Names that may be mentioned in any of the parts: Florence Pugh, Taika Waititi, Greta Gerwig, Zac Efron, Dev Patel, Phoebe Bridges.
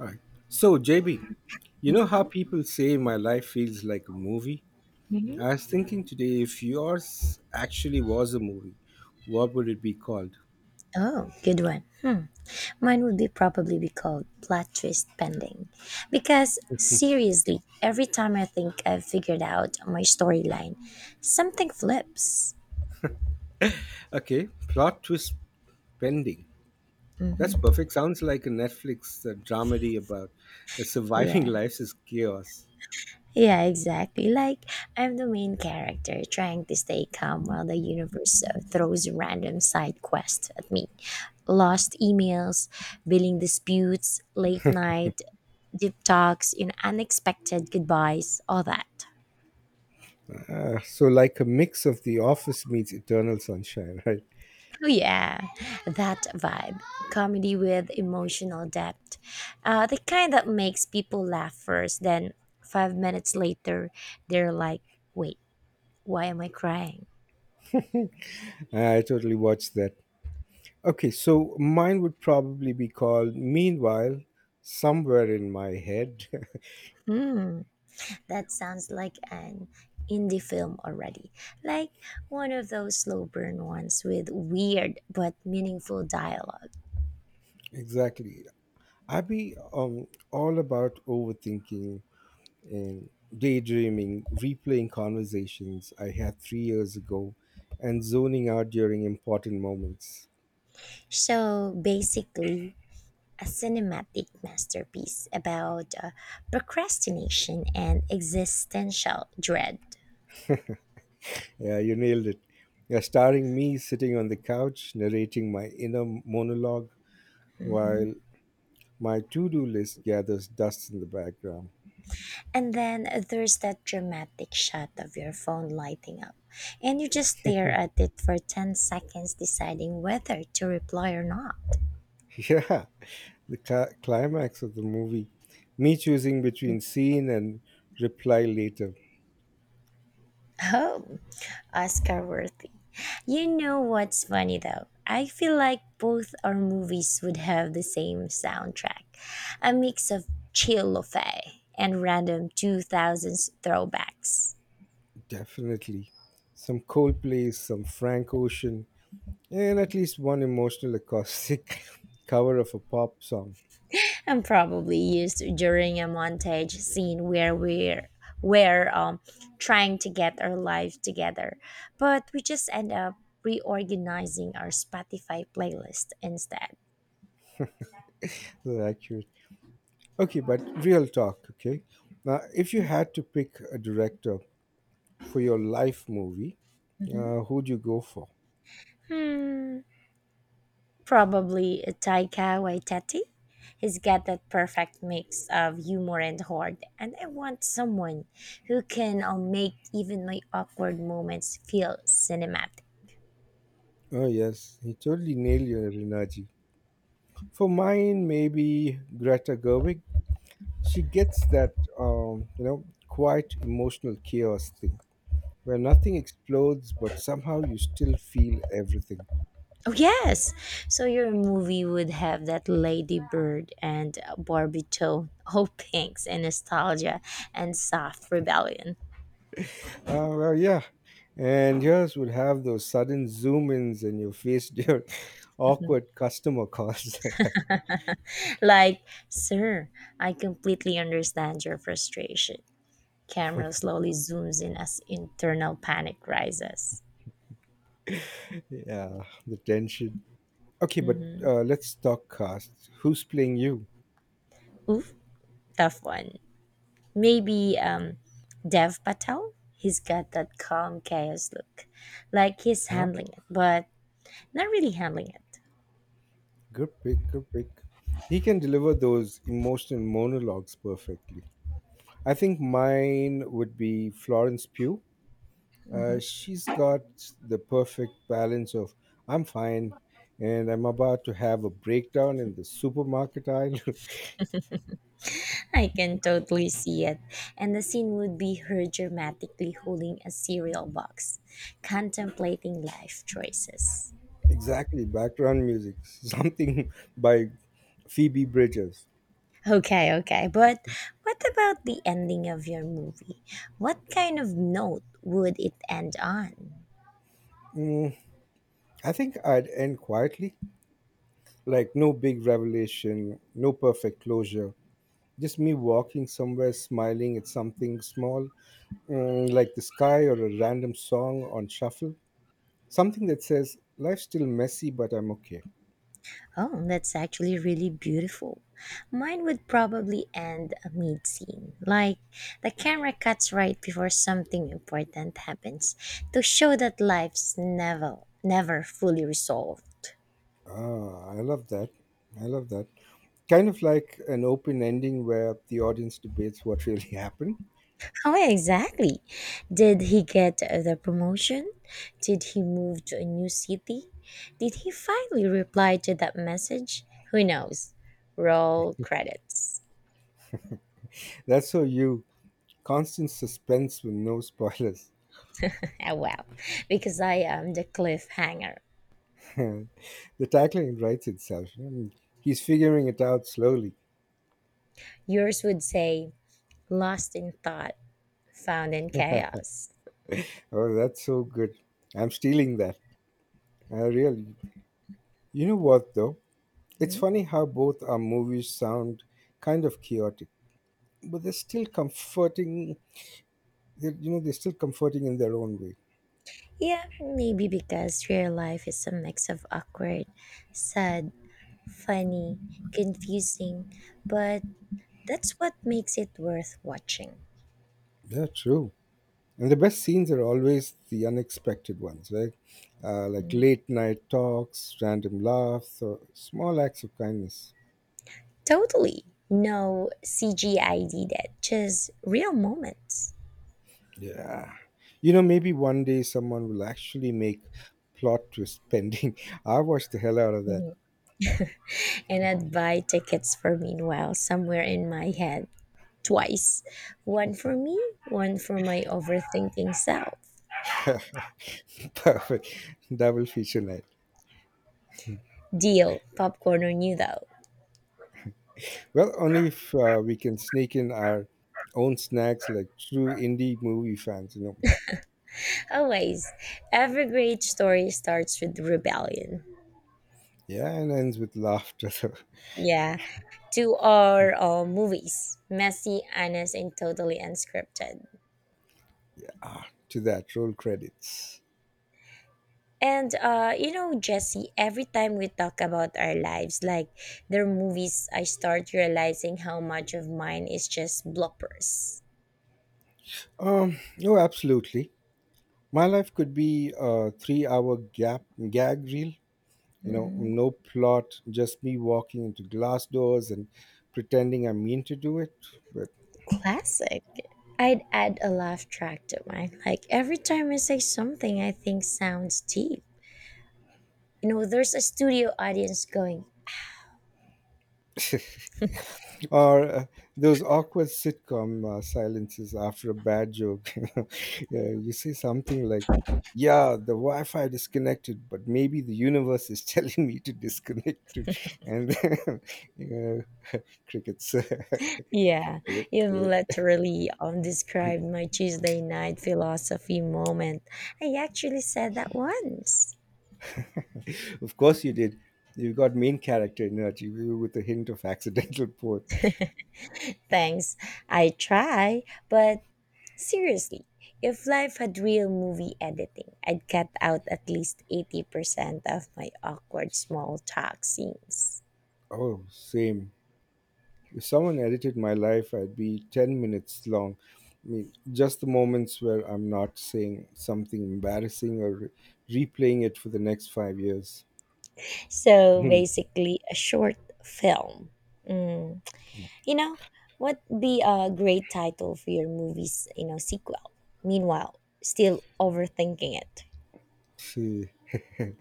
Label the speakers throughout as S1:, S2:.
S1: All right. So, JB, you know how people say my life feels like a movie? I was thinking today if yours actually was a movie, what would it be called?
S2: Oh, good one. Hmm. Mine would be probably be called plot twist pending. Because seriously, every time I think I've figured out my storyline, something flips.
S1: Okay, plot twist pending. That's perfect. Sounds like a Netflix dramedy about surviving
S2: Yeah.
S1: life is chaos.
S2: Yeah, exactly. Like I'm the main character trying to stay calm while the universe throws random side quests at me. Lost emails, billing disputes, late night, deep talks, unexpected goodbyes, all that.
S1: Like a mix of The Office meets Eternal Sunshine, right?
S2: Oh yeah, that vibe. Comedy with emotional depth. The kind that makes people laugh first, then 5 minutes later, they're like, wait, why am I crying?
S1: I totally watched that. Okay, so mine would probably be called Meanwhile, Somewhere in My Head.
S2: Hmm, that sounds like an indie film already. Like one of those slow burn ones with weird but meaningful dialogue.
S1: Exactly. I be all about overthinking and daydreaming, replaying conversations I had three years ago, and zoning out during important moments.
S2: So basically, a cinematic masterpiece about procrastination and existential dread.
S1: Yeah, you nailed it. Yeah, starring me sitting on the couch narrating my inner monologue while my to-do list gathers dust in the background.
S2: And then there's that dramatic shot of your phone lighting up, and you just stare at it for 10 seconds, deciding whether to reply or not.
S1: Yeah, the climax of the movie, me choosing between scene and reply later.
S2: Oh, Oscar worthy. You know what's funny though? I feel like both our movies would have the same soundtrack, a mix of chill fay and random 2000s throwbacks.
S1: Definitely. Some Coldplay, some Frank Ocean, and at least one emotional acoustic cover of a pop song.
S2: And probably used during a montage scene where we're trying to get our life together, but we just end up reorganizing our Spotify playlist instead.
S1: That's accurate. Okay, but real talk, okay? Now, if you had to pick a director for your life movie,
S2: Mhm.
S1: who'd you go for?
S2: Hmm. Probably Taika Waititi. He's got that perfect mix of humor and heart, and I want someone who can make even my awkward moments feel cinematic.
S1: Oh, yes, he totally nailed your energy. For mine, maybe Greta Gerwig. She gets that, quite emotional chaos thing, where nothing explodes, but somehow you still feel everything.
S2: Oh yes, so your movie would have that ladybird and Barbie tone, oh pinks and nostalgia and soft rebellion.
S1: Ah, well, yeah. And yours would have those sudden zoom ins and you face during awkward customer calls.
S2: Like, sir, I completely understand your frustration. Camera slowly zooms in as internal panic rises.
S1: Yeah, the tension. Okay, but let's talk cast. Who's playing you?
S2: Oof, tough one. Maybe Dev Patel. He's got that calm chaos look, like he's
S1: Huh?
S2: handling it, but not really handling it.
S1: Good pick, good pick. He can deliver those emotional monologues perfectly. I think mine would be Florence Pugh. She's got the perfect balance of I'm fine and I'm about to have a breakdown in the supermarket aisle.
S2: I can totally see it, and the scene would be her dramatically holding a cereal box, contemplating life choices.
S1: Exactly, background music, something by Phoebe Bridges.
S2: Okay, okay, but what about the ending of your movie? What kind of note would it end on?
S1: Mm, I think I'd end quietly, like no big revelation, no perfect closure. Just me walking somewhere smiling at something small, mm, like the sky or a random song on shuffle. Something that says, life's still messy, but I'm okay.
S2: Oh, that's actually really beautiful. Mine would probably end a mid scene. Like the camera cuts right before something important happens to show that life's never, never fully resolved.
S1: Ah, I love that. I love that. Kind of like an open ending where the audience debates what really happened.
S2: How exactly? Did he get the promotion? Did he move to a new city? Did he finally reply to that message? Who knows? Roll credits.
S1: That's so you. Constant suspense with no spoilers.
S2: oh well, because I am the cliffhanger.
S1: The tagline writes itself. Hmm, he's figuring it out slowly.
S2: Yours would say lost in thought, found in chaos.
S1: Oh, that's so good. I'm stealing that. I really. You know what, though? It's funny
S2: Mhm.
S1: how both our movies sound kind of chaotic, but they're still comforting. They're still comforting in their own way.
S2: Yeah, maybe because real life is a mix of awkward, sad, funny, confusing, but that's what makes it worth watching.
S1: Yeah, true. And the best scenes are always the unexpected ones, right? Like late night talks, random laughs, or small acts of kindness.
S2: Totally. No CGI did that, just real moments.
S1: Yeah. You know, maybe one day someone will actually make plot twist pending. I watched the hell out of that.
S2: Mhm. And I'd buy tickets for meanwhile somewhere in my head twice, one for me, one for my overthinking self.
S1: Perfect. Double feature night.
S2: Deal, Popcorn knew though.
S1: Well, only if we can sneak in our own snacks like true indie movie fans, you know.
S2: Always, every great story starts with rebellion.
S1: Yeah, and ends with laughter.
S2: Yeah, to our movies, messy, honest, and totally unscripted.
S1: Ah, to that, roll credits.
S2: And Jesse, every time we talk about our lives, like their movies, I start realizing how much of mine is just bloopers.
S1: No, absolutely. My life could be a 3 hour gap gag reel, you know, no plot, just me walking into glass doors and pretending I mean to do it. But
S2: Classic. I'd add a laugh track to mine. Like every time I say something I think sounds deep, you know, there's a studio audience going.
S1: or those awkward sitcom silences after a bad joke. You know, yeah, you say something like, "Yeah, the Wi-Fi disconnected, but maybe the universe is telling me to disconnect too." And you know, crickets.
S2: Yeah,
S1: Cricket,
S2: you've
S1: cricket.
S2: literally um described my Tuesday night philosophy moment. I actually said that once.
S1: Of course you did. You got main character energy with a hint of accidental port.
S2: Thanks, I try. But seriously, if life had real movie editing, I'd cut out at least 80% of my awkward small talk scenes.
S1: Oh, same. If someone edited my life, I'd be 10 minutes long. I mean, just the moments where I'm not saying something embarrassing or replaying it for the next 5 years.
S2: So
S1: Hmm.
S2: basically a short film. Mm. You know, what be a great title for your movie's, you know, sequel? Meanwhile, still overthinking it.
S1: See,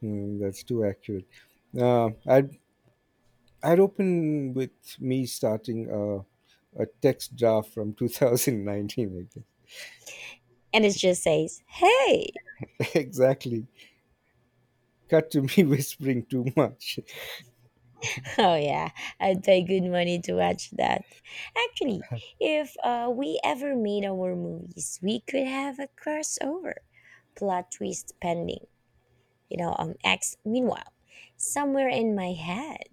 S1: hmm, that's too accurate. Uh, I'd, I'd open with me starting a text draft from 2019, I
S2: And it just says, hey.
S1: guess. Exactly. Cut to me whispering too much
S2: oh yeah, I'd pay good money to watch that. Actually, if we ever made our movies, we could have a crossover. Plot twist pending. X, meanwhile, somewhere in my head.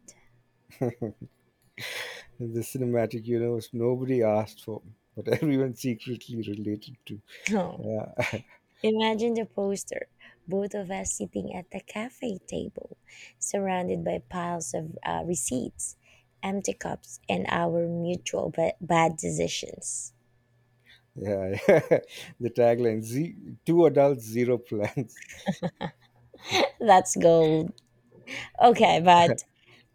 S1: in the cinematic universe nobody asked for, but everyone secretly related to. Yeah,
S2: Imagine the poster, both of us sitting at the cafe table, surrounded by piles of receipts, empty cups, and our mutual bad decisions.
S1: yeah, yeah. The tagline: two adults, zero plans.
S2: That's gold. Okay, but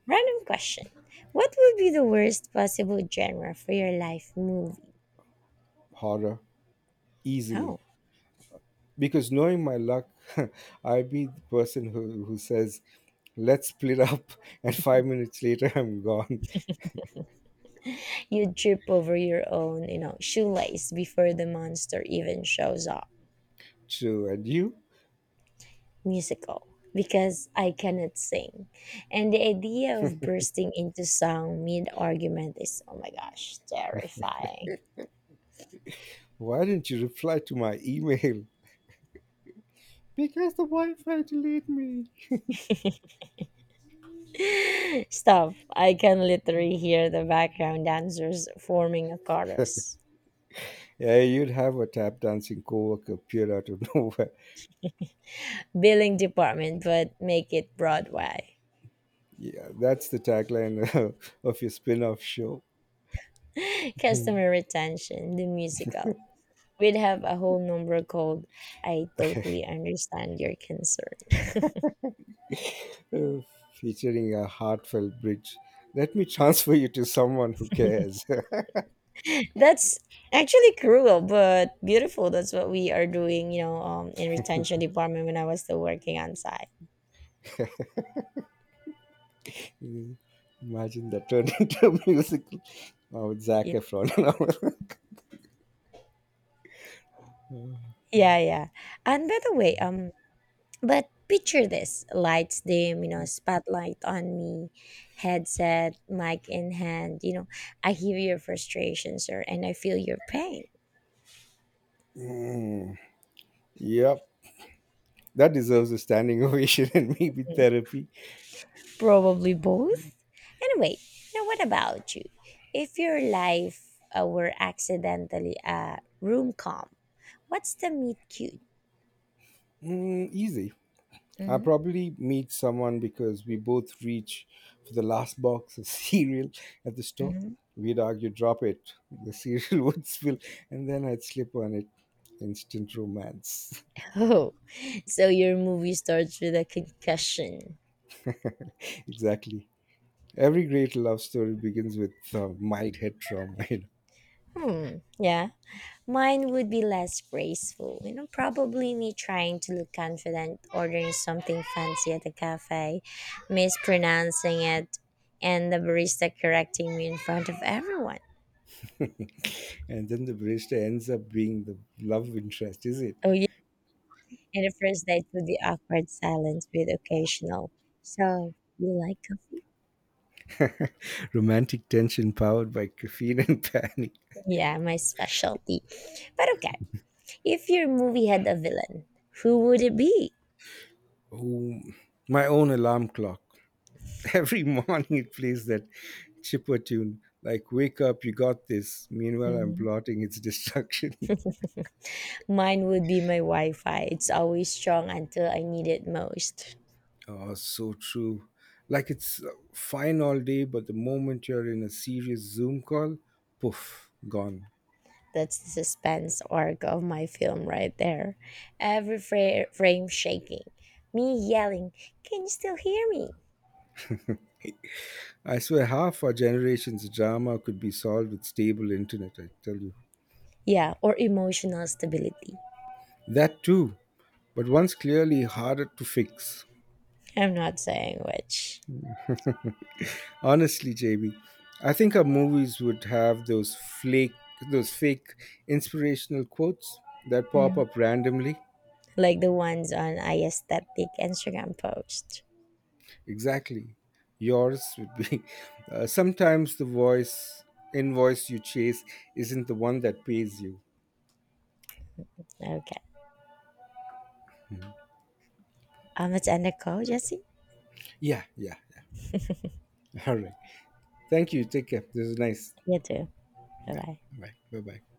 S2: random question. What would be the worst possible genre for your life movie?
S1: Horror, easily,
S2: Oh,
S1: because knowing my luck, I'd be the person who says, "Let's split up," and 5 minutes later I'm gone.
S2: you trip over your own, you know, shoelace before the monster even shows up.
S1: True, and you?
S2: Musical, because I cannot sing. And the idea of bursting into song mid argument is oh my gosh, terrifying.
S1: Why didn't you reply to my email? Because the Wi-Fi deleted me.
S2: Stop. I can literally hear the background dancers forming a chorus.
S1: Yeah, you'd have a tap dancing co-worker appear out of nowhere.
S2: Billing department, but make it Broadway.
S1: Yeah, that's the tagline of your spin-off show, uh,
S2: Customer retention, the musical. We'd have a whole number called I Totally Understand Your Concern.
S1: featuring a heartfelt bridge. Let me transfer you to someone who cares.
S2: That's actually cruel, but beautiful. That's what we are doing, in retention department when I was still working on site.
S1: Imagine that turned into a musical. Oh, with Zac
S2: Yeah,
S1: Efron.
S2: yeah, yeah. And by the way, but picture this: lights dim, you know, spotlight on me, headset, mic in hand. You know, I hear your frustration, sir, and I feel your pain.
S1: Mm, yep, that deserves a standing ovation and maybe
S2: Mm,
S1: therapy.
S2: probably both. Anyway, now what about you? If your life were accidentally a room com, what's the meet cute?
S1: Mm, easy. I
S2: Hmm.
S1: probably meet someone because we both reach for the last box of cereal at the store.
S2: Hmm.
S1: We'd argue, drop it. The cereal would spill, and then I'd slip on it. Instant romance.
S2: Oh, so your movie starts with a concussion.
S1: Exactly. Every great love story begins with mild head trauma, you know,
S2: Hmm, yeah. Mine would be less graceful. You know, probably me trying to look confident, ordering something fancy at a cafe, mispronouncing it, and the barista correcting me in front of everyone.
S1: and then the barista ends up being the love interest, is it?
S2: Oh, yeah. And the first date would be awkward silence with occasional. So, you like coffee?
S1: Romantic tension powered by caffeine and panic.
S2: Yeah, my specialty. But okay, if your movie had a villain, who would it be?
S1: Oh, my own alarm clock. Every morning it plays that chipper tune like wake up you got this, meanwhile I'm
S2: Mhm.
S1: plotting its destruction.
S2: Mine would be my Wi Fi. It's always strong until I need it most.
S1: Oh, so true. Like it's fine all day but the moment you're in a serious Zoom call, poof, gone.
S2: That's the suspense arc of my film right there. Every frame shaking, me yelling, can you still hear me?
S1: I swear half our generation's drama could be solved with stable internet, I tell you.
S2: Yeah, or emotional stability.
S1: That too, but one's clearly harder to fix.
S2: I'm not saying which.
S1: Honestly, JB, I think our movies would have those fake inspirational quotes that pop
S2: Mm.
S1: up randomly.
S2: Like the ones on aesthetic Instagram post.
S1: Exactly. Yours would be sometimes the voice invoice you chase isn't the one that pays you.
S2: Okay. Let's end the call, Jesse.
S1: Yeah, yeah, yeah. All right. Thank you. Take care. This is nice.
S2: You too. Bye
S1: Yeah.
S2: bye.
S1: Bye. Bye. Bye.